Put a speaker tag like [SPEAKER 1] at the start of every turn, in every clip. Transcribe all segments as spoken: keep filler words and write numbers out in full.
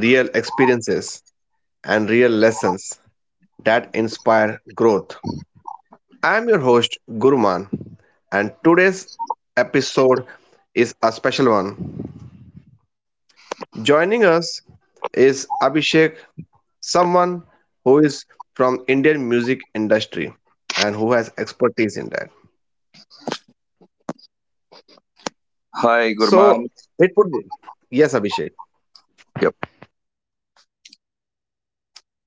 [SPEAKER 1] real experiences, and real lessons that inspire growth. I'm your host, Guruman, and today's episode is a special one. Joining us is Abhishek, someone who is from Indian music industry and who has expertise in that.
[SPEAKER 2] Hi,
[SPEAKER 1] So
[SPEAKER 2] Gurman.
[SPEAKER 1] it would be yes, Abhishek.
[SPEAKER 2] Yep.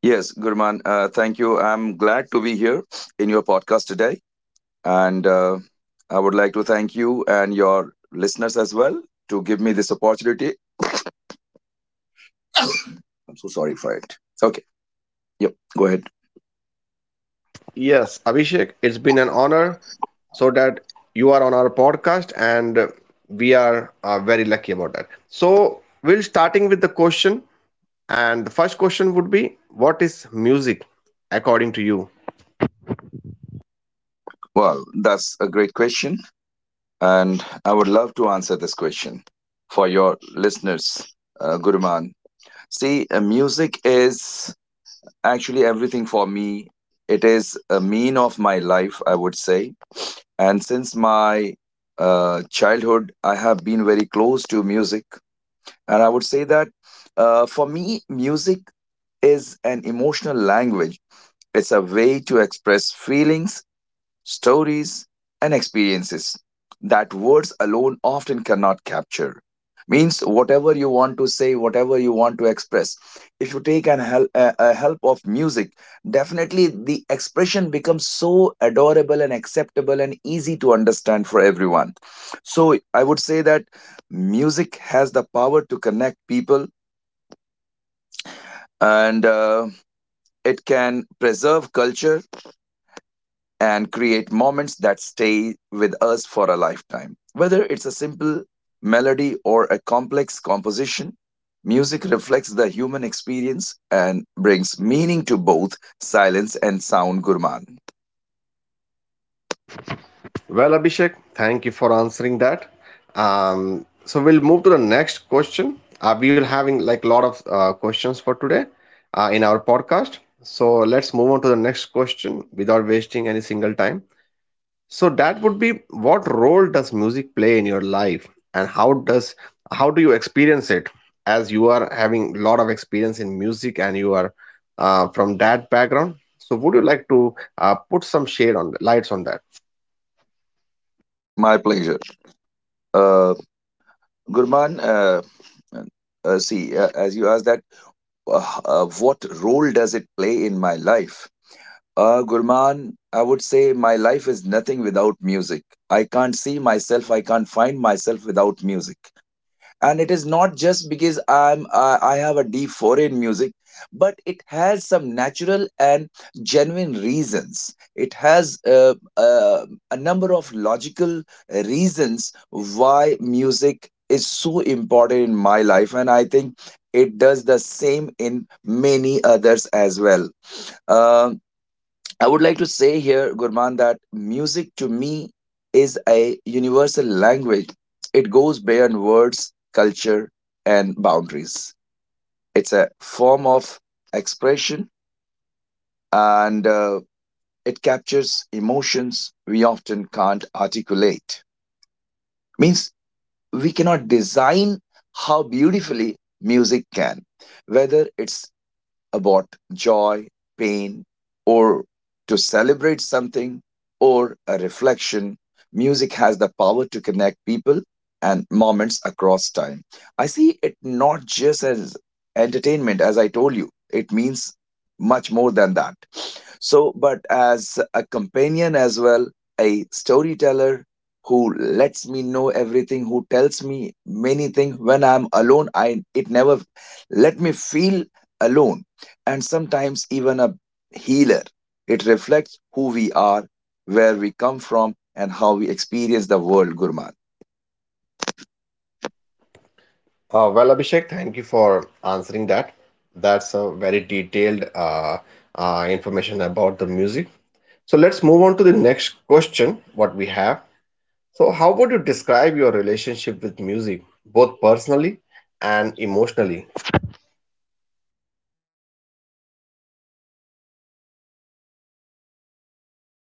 [SPEAKER 2] Yes, Gurman. Uh, thank you. I'm glad to be here in your podcast today. And uh, I would like to thank you and your listeners as well to give me this opportunity. I'm so sorry for it. Okay. Yep. Go ahead.
[SPEAKER 1] Yes, Abhishek, it's been an honor so that you are on our podcast and uh, we are uh, very lucky about that. So, we will starting with the question and the first question would be what is music according to you?
[SPEAKER 2] Well, that's a great question. And I would love to answer this question for your listeners, uh, Guruman. See, uh, music is actually everything for me. It is a mean of my life, I would say. And since my uh, childhood, I have been very close to music. And I would say that uh, for me, music is an emotional language. It's a way to express feelings, stories, and experiences that words alone often cannot capture. Means whatever you want to say, whatever you want to express, if you take an hel- a, a help of music, definitely the expression becomes so adorable and acceptable and easy to understand for everyone. So I would say that music has the power to connect people, and uh, it can preserve culture and create moments that stay with us for a lifetime. Whether it's a simple melody or a complex composition, music reflects the human experience and brings meaning to both silence and sound, Gurman.
[SPEAKER 1] Well, Abhishek, thank you for answering that. Um, so we'll move to the next question. Uh, we will having like a lot of uh, questions for today uh, in our podcast. So let's move on to the next question without wasting any single time. So that would be what role does music play in your life and how does how do you experience it as you are having a lot of experience in music and you are uh, from that background. So would you like to uh, put some shade on lights on that?
[SPEAKER 2] Sure, my pleasure. Uh, Gurman, uh, uh, see, uh, as you asked that, uh, uh, what role does it play in my life? Uh, Gurman, I would say my life is nothing without music. I can't see myself. I can't find myself without music. And it is not just because I'm uh, I have a deep foray in music, but it has some natural and genuine reasons. It has uh, uh, a number of logical reasons why music is so important in my life, and I think it does the same in many others as well. Um I would like to say here, Gurman, that music to me is a universal language. It goes beyond words, culture, and boundaries. It's a form of expression, and uh, it captures emotions we often can't articulate. Means we cannot design how beautifully music can, whether it's about joy, pain, or to celebrate something or a reflection, music has the power to connect people and moments across time. I see it not just as entertainment. As I told you, it means much more than that. So, but as a companion as well, a storyteller who lets me know everything, who tells me many things when I'm alone, I it never let me feel alone. And sometimes even a healer. It reflects who we are, where we come from, and how we experience the world, Gurman.
[SPEAKER 1] Uh, well, Abhishek, thank you for answering that. That's a very detailed uh, uh, information about the music. So let's move on to the next question, what we have. So, how would you describe your relationship with music, both personally and emotionally?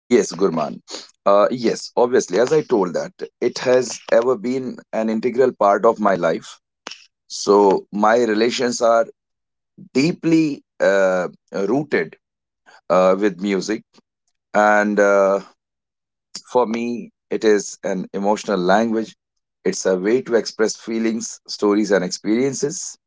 [SPEAKER 2] Yes, Gurman. Uh, yes, obviously, as I told that, it has ever been an integral part of my life. So my relations are deeply uh, rooted uh, with music. And uh, for me, it is an emotional language. It's a way to express feelings, stories, and experiences,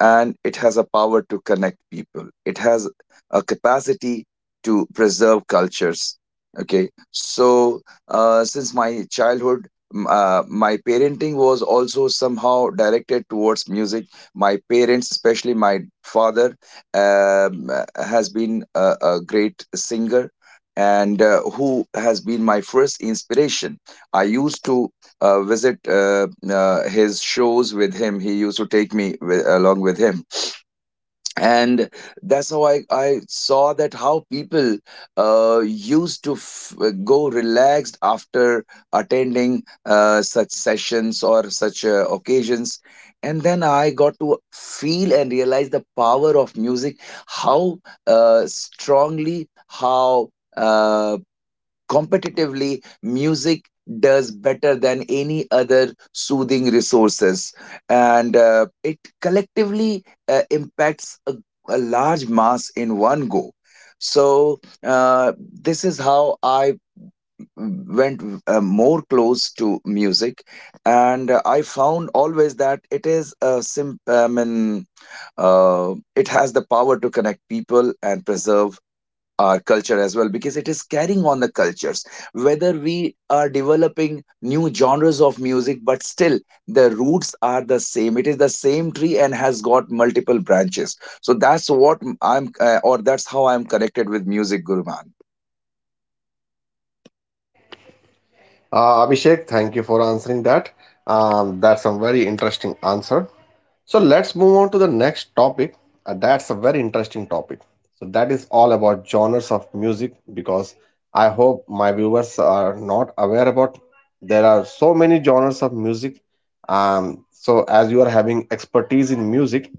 [SPEAKER 2] and it has a power to connect people. It has a capacity to preserve cultures. Okay, so uh, since my childhood, m- uh, my parenting was also somehow directed towards music. My parents, especially my father, um, uh, has been a, a great singer, and uh, who has been my first inspiration. I used to uh, visit uh, uh, his shows with him. He used to take me with, along with him, and that's how I I saw that how people uh, used to f- go relaxed after attending uh, such sessions or such uh, occasions. And then I got to feel and realize the power of music, how uh, strongly, how uh, competitively music does better than any other soothing resources, and uh, it collectively uh, impacts a, a large mass in one go. So uh, this is how I went uh, more close to music, and uh, I found always that it is a sim- I mean uh, it has the power to connect people and preserve our culture as well, because it is carrying on the cultures. Whether we are developing new genres of music, but still, the roots are the same. It is the same tree and has got multiple branches. So that's what i'm uh, or that's how I'm connected with music, Guruman.
[SPEAKER 1] Uh, Abhishek, thank you for answering that. Um, that's a very interesting answer. So, let's move on to the next topic. Uh, that's a very interesting topic. So, that is all about genres of music because I hope my viewers are not aware about there are so many genres of music. Um, so, as you are having expertise in music,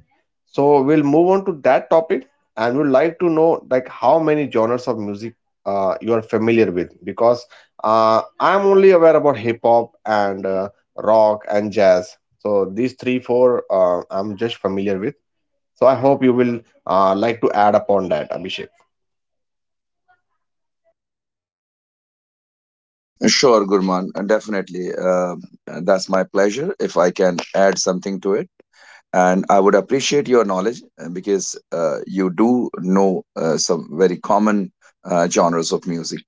[SPEAKER 1] so we'll move on to that topic, and we'd like to know like how many genres of music uh, you are familiar with because uh, I'm only aware about hip hop and uh, rock and jazz. So these three, four uh, I'm just familiar with. So I hope you will uh, like to add upon that, Abhishek.
[SPEAKER 2] Sure, Gurman, definitely uh, that's my pleasure if I can add something to it, and I would appreciate your knowledge, uh, because uh, you do know uh, some very common uh, genres of music.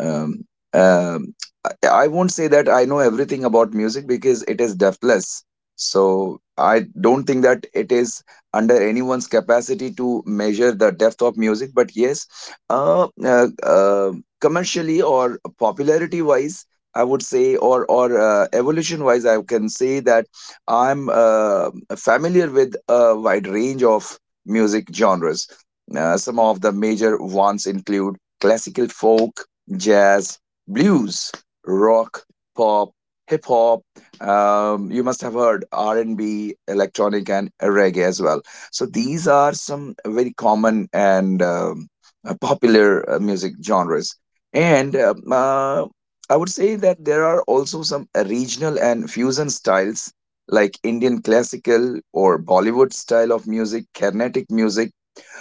[SPEAKER 2] um, um, I I won't say that I know everything about music because it is deathless. So I don't think that it is under anyone's capacity to measure the depth of music. But yes, uh, uh, uh, commercially or popularity wise, I would say, or or uh, evolution wise, I can say that I'm uh, familiar with a wide range of music genres. Uh, some of the major ones include classical, folk, jazz, blues, rock, pop, hip hop. Um, you must have heard R and B, electronic, and reggae as well. So these are some very common and um, uh, popular uh, music genres. And um, uh, I would say that there are also some uh, regional and fusion styles like Indian classical or Bollywood style of music, Carnatic music,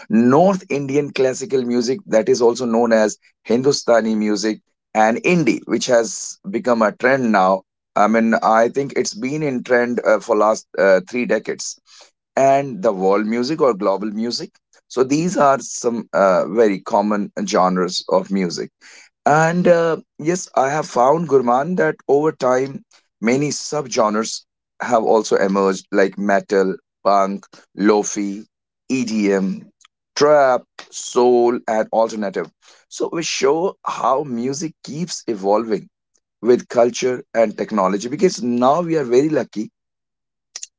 [SPEAKER 2] North Indian classical music that is also known as Hindustani music, and indie, which has become a trend now. I mean, I think it's been in trend uh, for last uh, three decades. And the world music or global music. So these are some uh, very common genres of music. And uh, yes, I have found, Gurman, that over time, many subgenres have also emerged, like metal, punk, lofi, E D M, trap, soul, and alternative. So we show how music keeps evolving with culture and technology, because now we are very lucky.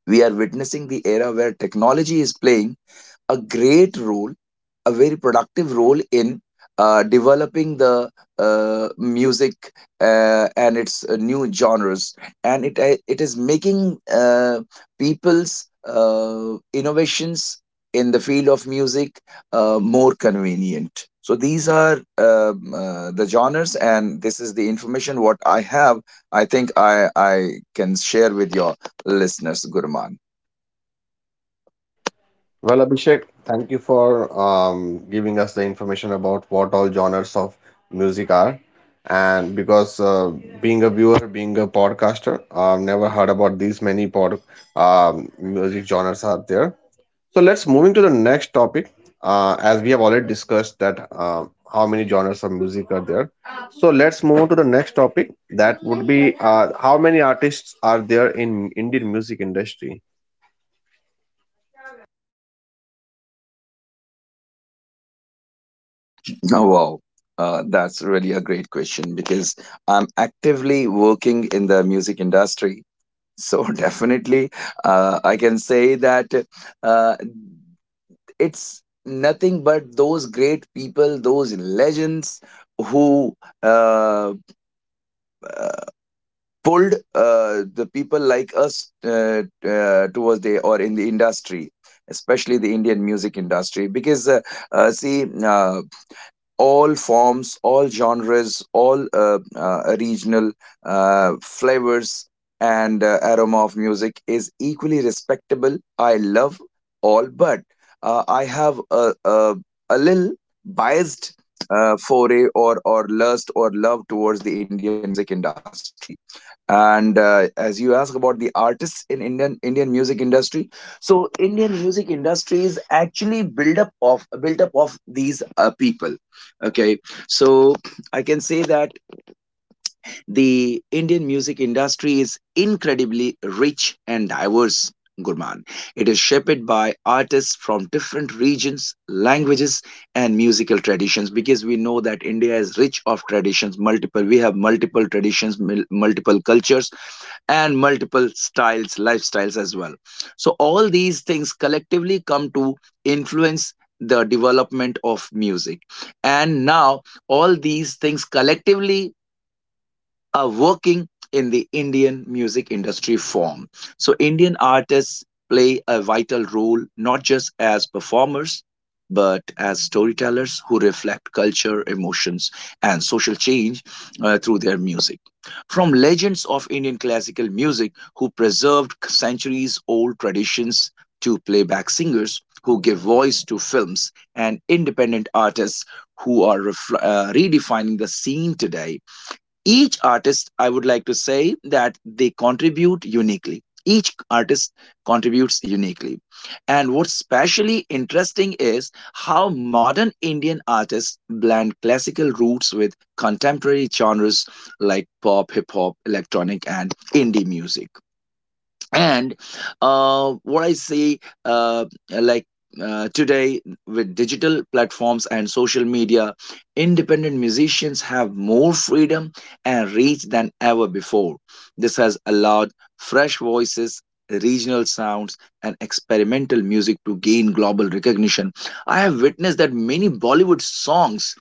[SPEAKER 2] We are witnessing the era where technology is playing a great role, a very productive role in uh, developing the uh, music uh, and its uh, new genres, and it uh, it is making uh, people's uh, innovations in the field of music uh, more convenient. So these are um, uh, the genres, and this is the information what I have. I think I I can share with you listeners, Gurman.
[SPEAKER 1] Well, Abhishek, thank you for um, giving us the information about what all genres of music are. And because uh, being a viewer, being a podcaster, I've never heard about these many pod um, music genres are there. So let's moving to the next topic. Uh, as we have already discussed that uh, how many genres of music are there. So let's move on to the next topic. That would be uh, how many artists are there in Indian music industry.
[SPEAKER 2] Oh, wow. Uh, that's really a great question because I'm actively working in the music industry. So definitely, uh, I can say that uh, it's nothing but those great people, those legends who uh, pulled uh, the people like us uh, uh, towards the or in the industry, especially the Indian music industry. Because uh, uh, see, uh, all forms, all genres, all uh, uh, regional uh, flavors, and uh, aroma of music is equally respectable. I love all, but uh, I have a, a, a little biased uh, foray or or lust or love towards the Indian music industry. And uh, as you ask about the artists in indian indian music industry, so Indian music industry is actually built up of built up of these uh, people. Okay, so I can say that the Indian music industry is incredibly rich and diverse, Gurman. It is shaped by artists from different regions, languages, and musical traditions, because we know that India is rich of traditions. Multiple we have multiple traditions, mul- multiple cultures, and multiple styles, lifestyles as well. So, all these things collectively come to influence the development of music. And now, all these things collectively are working in the Indian music industry form. So, Indian artists play a vital role not just as performers, but as storytellers who reflect culture, emotions, and social change uh, through their music. From legends of Indian classical music who preserved centuries old traditions, to playback singers who give voice to films, and independent artists who are ref- uh, redefining the scene today, each artist, I would like to say that they contribute uniquely. Each artist contributes uniquely. And what's especially interesting is how modern Indian artists blend classical roots with contemporary genres like pop, hip hop, electronic, and indie music. And uh, what I see, uh, like uh, today, with digital platforms and social media, independent musicians have more freedom and reach than ever before. This has allowed fresh voices, regional sounds, and experimental music to gain global recognition. I have witnessed that many Bollywood songs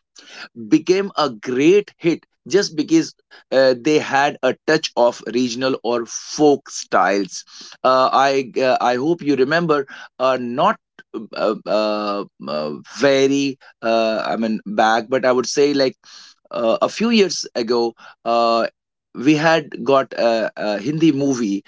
[SPEAKER 2] became a great hit just because uh, they had a touch of regional or folk styles. Uh, I uh, I hope you remember, uh, not uh, uh, uh, very uh, I mean, back, but I would say like uh, a few years ago. Uh, we had got a, a Hindi movie,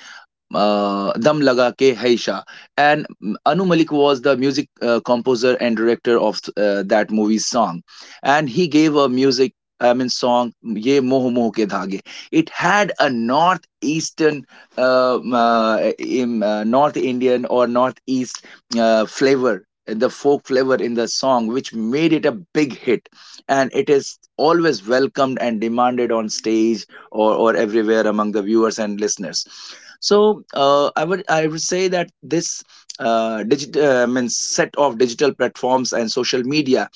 [SPEAKER 2] uh, Dam Laga Ke Hai Shaa. And mm, Anu Malik was the music uh, composer and director of uh, that movie's song. And he gave a music, I mean, song Ye Moh Moh Ke Dhage. It had a northeastern, uh, mm, uh, im- uh, North Indian or northeast uh, flavor. The folk flavor in the song, which made it a big hit, and it is always welcomed and demanded on stage or, or everywhere among the viewers and listeners. So uh, i would i would say that this uh, digit uh, means set of digital platforms and social media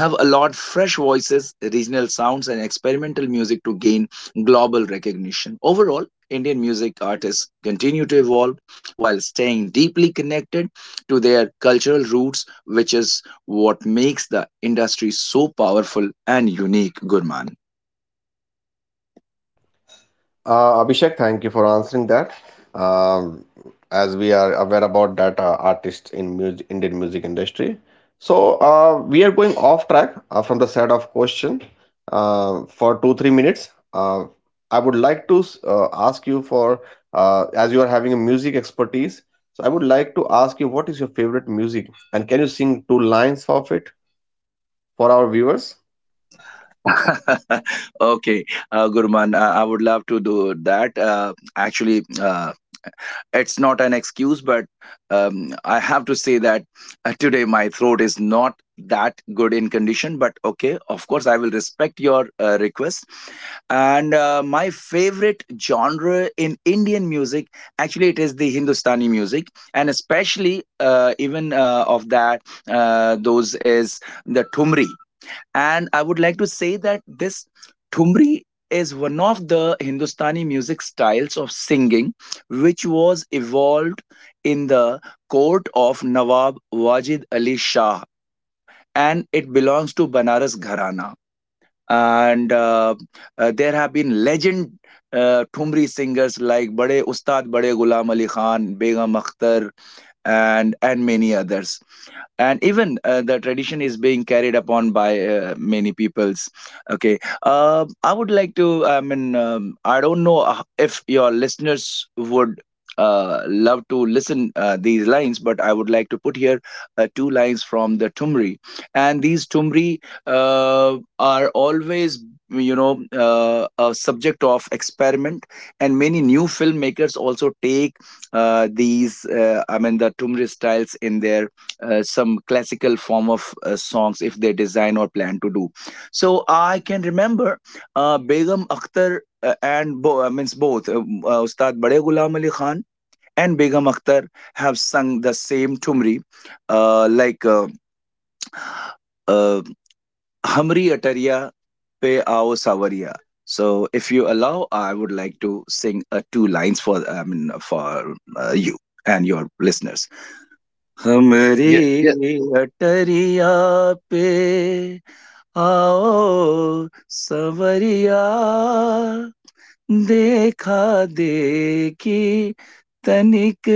[SPEAKER 2] have allowed fresh voices, regional sounds, and experimental music to gain global recognition. Overall, Indian music artists continue to evolve while staying deeply connected to their cultural roots, which is what makes the industry so powerful and unique, Gurman.
[SPEAKER 1] Uh, Abhishek, thank you for answering that. Um, as we are aware about that uh, artists in music, Indian music industry. So uh, we are going off track uh, from the set of question uh, for two three minutes. Uh, I would like to uh, ask you for uh, as you are having a music expertise. So I would like to ask you what is your favorite music and can you sing two lines of it for our viewers?
[SPEAKER 2] Okay, uh, Gurman, uh, I would love to do that. Uh, actually, uh, it's not an excuse, but um, I have to say that uh, today my throat is not that good in condition. But okay, of course, I will respect your uh, request. And uh, my favorite genre in Indian music, actually, it is the Hindustani music, and especially uh, even uh, of that, uh, those is the Thumri. And I would like to say that this Thumri is one of the Hindustani music styles of singing, which was evolved in the court of Nawab Wajid Ali Shah, and it belongs to Banaras Gharana. And uh, uh, there have been legend uh, Thumri singers like Bade Ustad Bade Gulam Ali Khan, Begum Akhtar, and and many others. And even uh, the tradition is being carried upon by uh, many peoples. Okay, uh, I would like to I mean um, I don't know h- if your listeners would uh, love to listen uh, these lines, but I would like to put here uh, two lines from the Tumri. And these Tumri uh, are always, you know uh, a subject of experiment, and many new filmmakers also take uh, these uh, I mean the Tumri styles in their uh, some classical form of uh, songs, if they design or plan to do. So I can remember uh, Begum Akhtar uh, and bo- uh, means both uh, uh, Ustad Bade Ghulam Ali Khan and Begum Akhtar have sung the same Tumri, uh, like uh, uh, Hamri Atariya Pe Aao Sawariya. So if you allow, I would like to sing uh, two lines for, i mean for uh, you and your listeners. हमरे
[SPEAKER 1] Yeah, yeah,
[SPEAKER 2] अटरिया पे आओ सवरिया, देखा देखी तनिक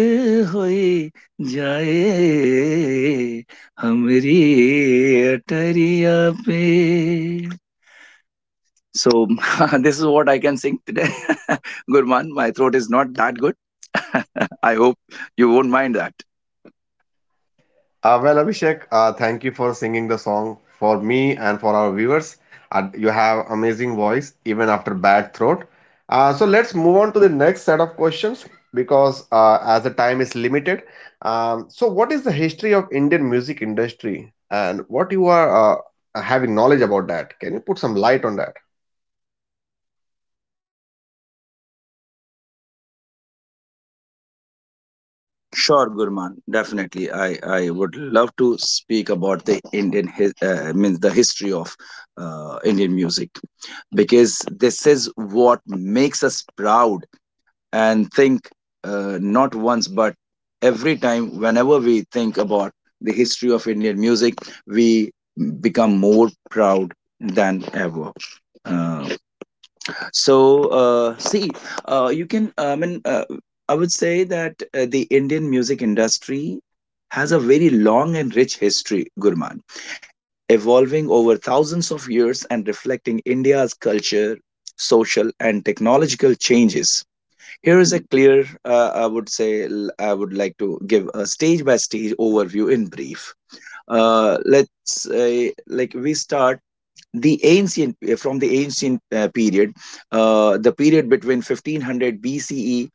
[SPEAKER 2] होइ जाए, हमरी अटरिया पे. So, this is what I can sing today. Gurman, my throat is not that good. I hope you won't mind that.
[SPEAKER 1] Uh, well, Abhishek, uh, thank you for singing the song for me and for our viewers. Uh, you have amazing voice even after bad throat. Uh, so let's move on to the next set of questions because uh, as the time is limited. Um, so what is the history of Indian music industry and what you are uh, having knowledge about that? Can you put some light on that?
[SPEAKER 2] Sure, Gurman. Definitely, I, I would love to speak about the Indian his, uh, means the history of uh, Indian music, because this is what makes us proud and think, uh, not once but every time. Whenever we think about the history of Indian music, we become more proud than ever. Uh, so, uh, see, uh, you can, uh, I mean, uh, I would say that uh, the Indian music industry has a very long and rich history, Gurman, evolving over thousands of years and reflecting India's culture, social, and technological changes. Here is a clear, uh, I would say, l- I would like to give a stage by stage overview in brief. Uh, let's say, like, we start the ancient eh, from the ancient uh, period, uh, the period between fifteen hundred bce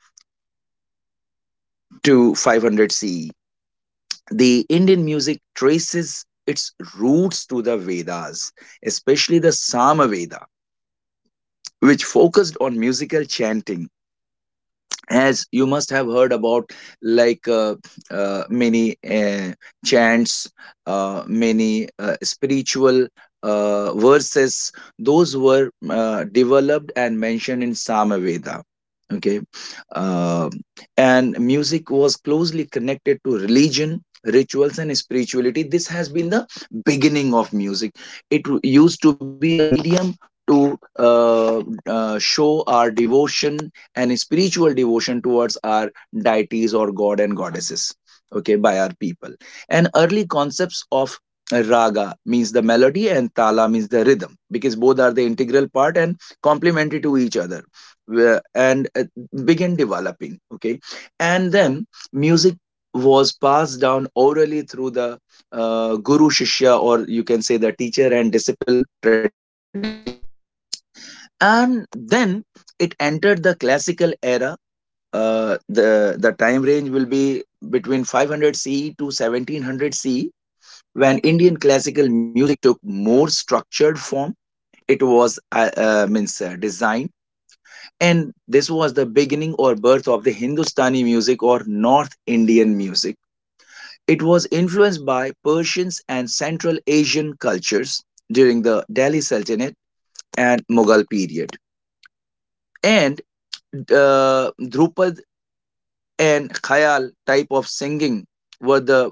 [SPEAKER 2] to five hundred ce. The Indian music traces its roots to the Vedas, especially the Samaveda, which focused on musical chanting. As you must have heard about, like uh, uh, many uh, chants, uh, many uh, spiritual uh, verses, those were uh, developed and mentioned in Samaveda. Okay. Um and music was closely connected to religion, rituals, and spirituality. This has been the beginning of music. It used to be a medium to uh, uh, show our devotion and spiritual devotion towards our deities or god and goddesses, okay, by our people. And early concepts of raga means the melody, and tala means the rhythm, because both are the integral part and complementary to each other, and uh, begin developing. Okay, and then music was passed down orally through the uh, guru shishya, or you can say the teacher and disciple tradition. And then it entered the classical era. Uh, the the time range will be between five hundred C E to seventeen hundred C E, when Indian classical music took more structured form. It was uh, uh, means uh, designed, and this was the beginning or birth of the Hindustani music or North Indian music. It was influenced by Persians and Central Asian cultures during the Delhi Sultanate and Mughal period, and uh, Drupad and Khayal type of singing were the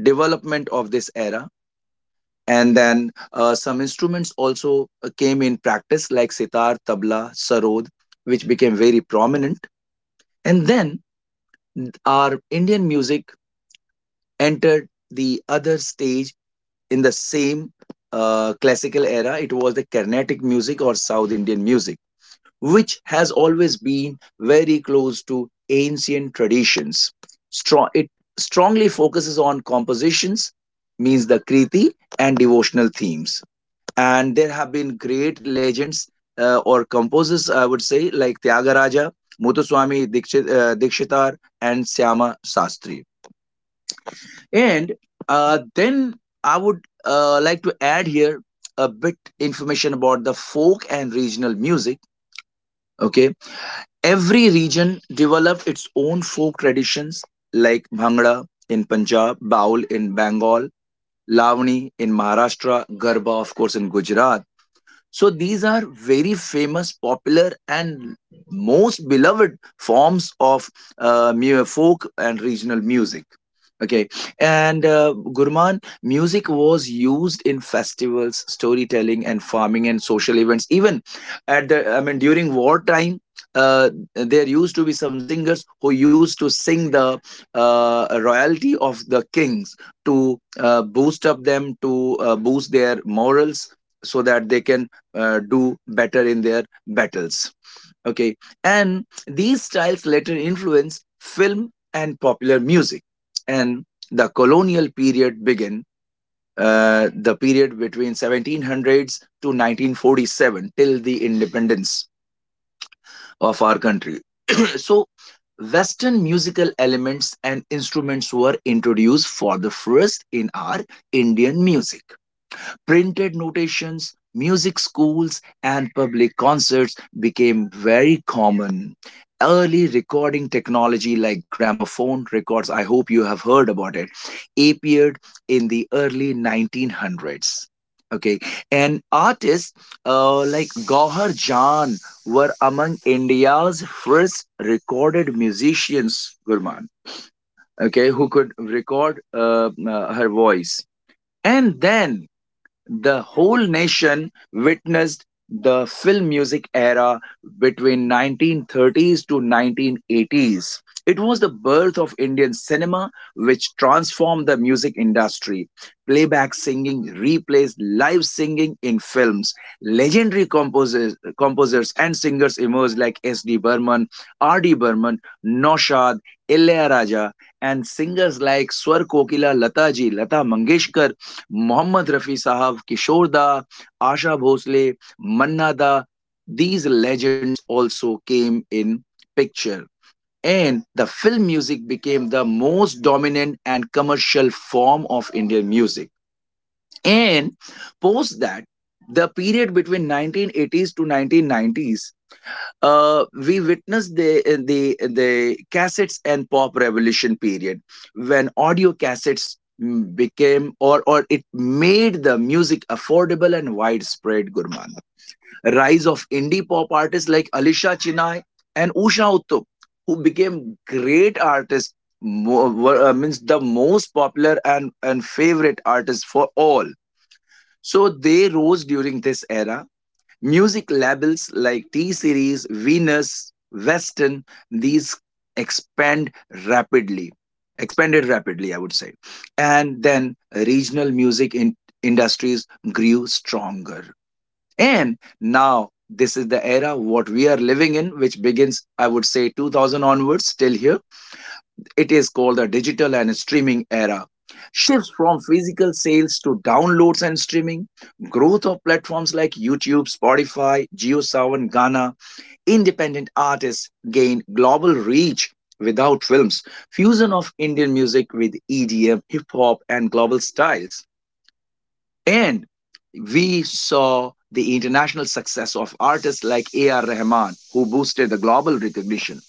[SPEAKER 2] development of this era. And then uh, some instruments also uh, came in practice, like sitar, tabla, sarod, which became very prominent. And then our Indian music entered the other stage in the same uh, classical era. It was the Carnatic music or South Indian music, which has always been very close to ancient traditions. Strong, it strongly focuses on compositions, means the Kriti, and devotional themes. And there have been great legends uh, or composers, I would say, like Tyagaraja, Muthuswami Dikshit, uh, Dikshitar, and Syama Sastri. And uh, then I would uh, like to add here a bit information about the folk and regional music. Okay. Every region developed its own folk traditions, like Bhangra in Punjab, Baul in Bengal, Lavani in Maharashtra, Garba, of course, in Gujarat. So these are very famous, popular, and most beloved forms of uh, mu- folk and regional music. Okay, and uh, Gurman, music was used in festivals, storytelling, and farming and social events. Even at the, I mean, during wartime, uh, there used to be some singers who used to sing the uh, royalty of the kings to uh, boost up them, to uh, boost their morals, so that they can uh, do better in their battles. Okay, and these styles later influence film and popular music. And the colonial period began, uh, the period between seventeen hundreds to nineteen forty-seven, till the independence of our country. So, Western musical elements and instruments were introduced for the first in our Indian music. Printed notations, music schools, and public concerts became very common. Early recording technology like gramophone records, I hope you have heard about it, appeared in the early nineteen hundreds. Okay, and artists uh, like Gauhar Jaan were among India's first recorded musicians, Gurman, okay, who could record uh, uh, her voice. And then the whole nation witnessed the film music era between nineteen thirties to nineteen eighties. It was the birth of Indian cinema, which transformed the music industry. Playback singing replaced live singing in films. Legendary composers, composers and singers emerged like S D. Burman, R D. Burman, Noshad, Ilaiyaraaja, and singers like Swar Kokila Lataji, Lata Mangeshkar, Mohammad Rafi Sahab, Kishore Da, Asha Bhosle, Manna Da, these legends also came in picture. And the film music became the most dominant and commercial form of Indian music. And post that, the period between nineteen eighties to nineteen nineties, uh, we witnessed the uh, the the cassettes and pop revolution period, when audio cassettes, mm, became, or or it made the music affordable and widespread, Gurman. Rise of indie pop artists like Alisha Chinay and Usha Uttup, who became great artists, mo- were, uh, means the most popular and and favorite artists for all, so they rose during this era. Music labels like T Series, Venus, Western, these expand rapidly, expanded rapidly, I would say. And then regional music in- industries grew stronger. And now this is the era what we are living in, which begins, I would say, two thousand onwards. Till here it is called the digital and streaming era. Shifts from physical sales to downloads and streaming, growth of platforms like YouTube, Spotify, JioSaavn, Ghana, independent artists gain global reach without films, fusion of Indian music with E D M, hip hop, and global styles. And we saw the international success of artists like A R. Rahman, who boosted the global recognition.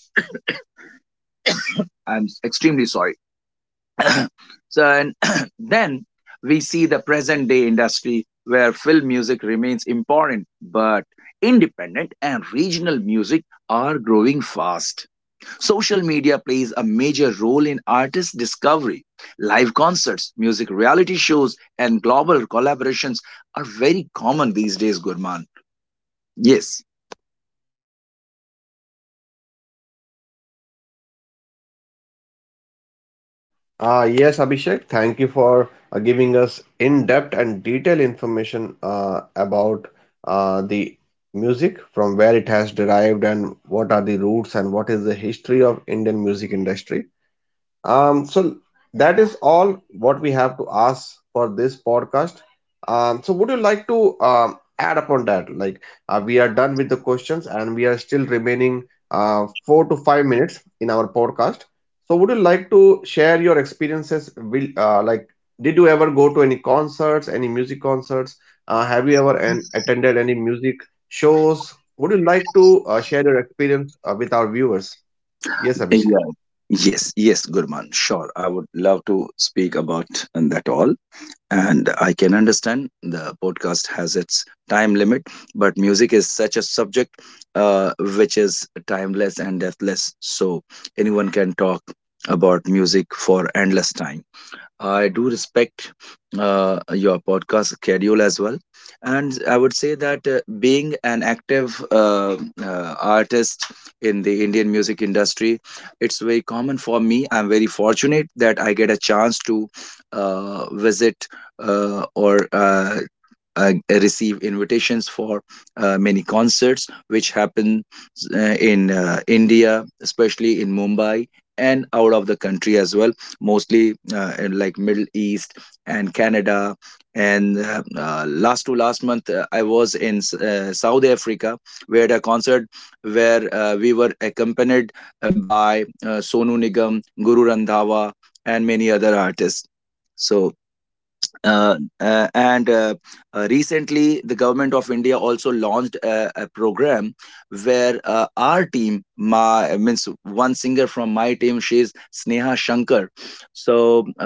[SPEAKER 2] I'm extremely sorry. So, and then we see the present day industry where film music remains important, but independent and regional music are growing fast. Social media plays a major role in artist discovery. Live concerts, music reality shows, and global collaborations are very common these days, Gurman. Yes.
[SPEAKER 1] Uh, yes, Abhishek, thank you for uh, giving us in-depth and detailed information uh, about uh, the music, from where it has derived and what are the roots and what is the history of Indian music industry. Um, so that is all what we have to ask for this podcast. Um, so would you like to um, add upon that? Like uh, we are done with the questions and we are still remaining uh, four to five minutes in our podcast. So would you like to share your experiences? Will uh, like did you ever go to any concerts, any music concerts? Uh, have you ever an, attended any music shows? Would you like to uh, share your experience uh, with our viewers? Yes, Abhishek.
[SPEAKER 2] Yeah. Yes, yes, Gurman. Sure. I would love to speak about that all. And I can understand the podcast has its time limit, but music is such a subject uh, which is timeless and deathless, so anyone can talk about music for endless time. I do respect uh, your podcast schedule as well, and I would say that uh, being an active uh, uh, artist in the Indian music industry, it's very common for me. I'm very fortunate that I get a chance to uh, visit uh, or uh, uh, receive invitations for uh, many concerts, which happen uh, in uh, India, especially in Mumbai and out of the country as well, mostly uh, in like Middle East and Canada. And uh, uh, last to last month, uh, I was in S- uh, South Africa, where at a concert, where uh, we were accompanied by uh, Sonu Nigam, Guru Randhawa, and many other artists. So uh, uh, and uh, uh, recently the government of India also launched a, a program, where uh, our team, my means one singer from my team, she's Sneha Shankar. So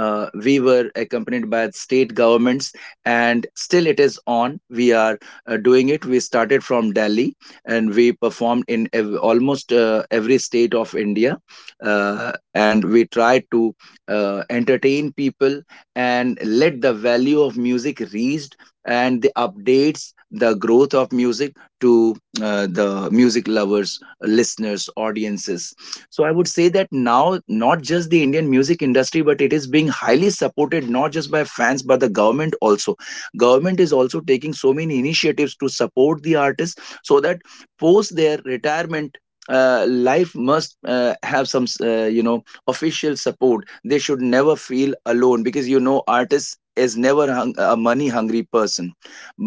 [SPEAKER 2] uh, we were accompanied by state governments, and still it is on. We are uh, doing it. We started from Delhi, and we performed in ev- almost uh, every state of India, uh, and we tried to uh, entertain people, and let the value of music reached, and the updates, the growth of music to uh, the music lovers, listeners, audiences. So I would say that now, not just the Indian music industry, but it is being highly supported not just by fans but the government also. Government is also taking so many initiatives to support the artists, so that post their retirement, uh, life must uh, have some, uh, you know, official support. They should never feel alone, because, you know, artist is never hung, a money hungry person.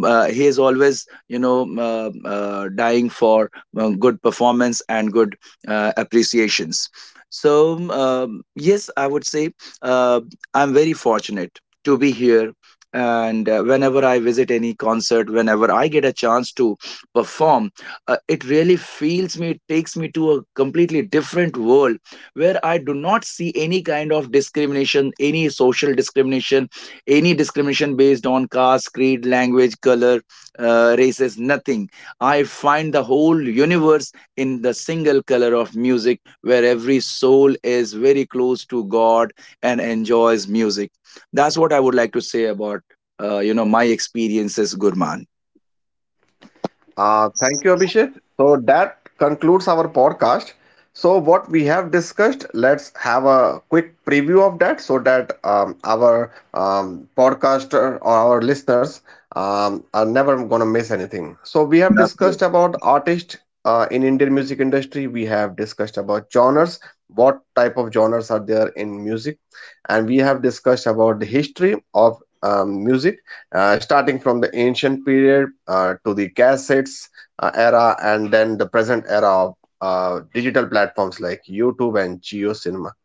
[SPEAKER 2] uh, He is always, you know, uh, uh, dying for uh, good performance and good uh, appreciations. So um, um, yes, I would say uh, I'm very fortunate to be here. And uh, whenever I visit any concert, whenever I get a chance to perform, uh, it really feels me, it takes me to a completely different world, where I do not see any kind of discrimination, any social discrimination, any discrimination based on caste, creed, language, color, uh, races, nothing. I find the whole universe in the single color of music, where every soul is very close to God and enjoys music. That's what I would like to say about, uh, you know, my experiences, Gurman.
[SPEAKER 1] Uh, thank you, Abhishek. So that concludes our podcast. So what we have discussed, let's have a quick preview of that so that um, our um, podcaster or our listeners um, are never going to miss anything. So we have discussed
[SPEAKER 2] Absolutely.
[SPEAKER 1] about artist uh, in Indian music industry, we have discussed about genres, what type of genres are there in music, and we have discussed about the history of um, music, uh, starting from the ancient period uh, to the cassettes uh, era, and then the present era of uh, digital platforms like YouTube and Geo Cinema.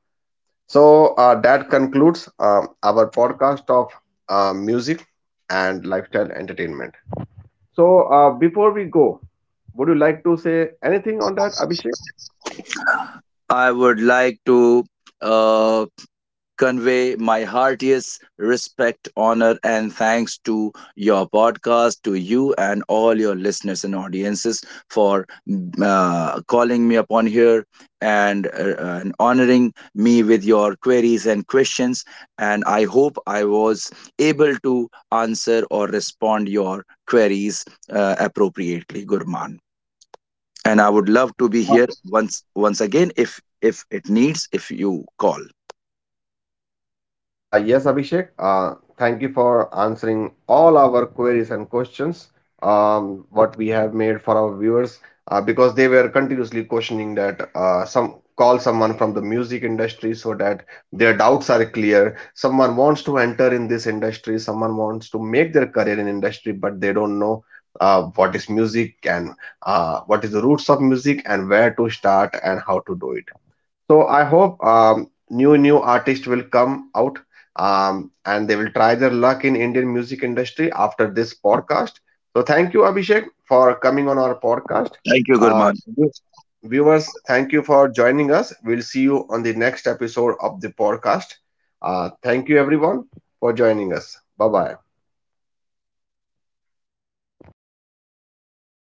[SPEAKER 1] So uh, that concludes um, our podcast of uh, music and lifestyle entertainment. So, uh, before we go, would you like to say anything on that, Abhishek?
[SPEAKER 2] I would like to uh, convey my heartiest respect, honor, and thanks to your podcast, to you and all your listeners and audiences for uh, calling me upon here, and, uh, and honoring me with your queries and questions. And I hope I was able to answer or respond your queries uh, appropriately, Gurman. And I would love to be here once once again, if if it needs, if you call.
[SPEAKER 1] Uh, yes, Abhishek, uh, thank you for answering all our queries and questions, um, what we have made for our viewers, uh, because they were continuously questioning that uh, some call someone from the music industry so that their doubts are clear. Someone wants to enter in this industry, someone wants to make their career in industry, but they don't know uh, what is music and uh, what is the roots of music and where to start and how to do it. So I hope um, new new artists will come out um, and they will try their luck in Indian music industry after this podcast. So thank you, Abhishek, for coming on our podcast.
[SPEAKER 2] Thank you,
[SPEAKER 1] Uh,
[SPEAKER 2] Gurman.
[SPEAKER 1] viewers, viewers, thank you for joining us. We'll see you on the next episode of the podcast. Uh, thank you, everyone, for joining us. Bye bye.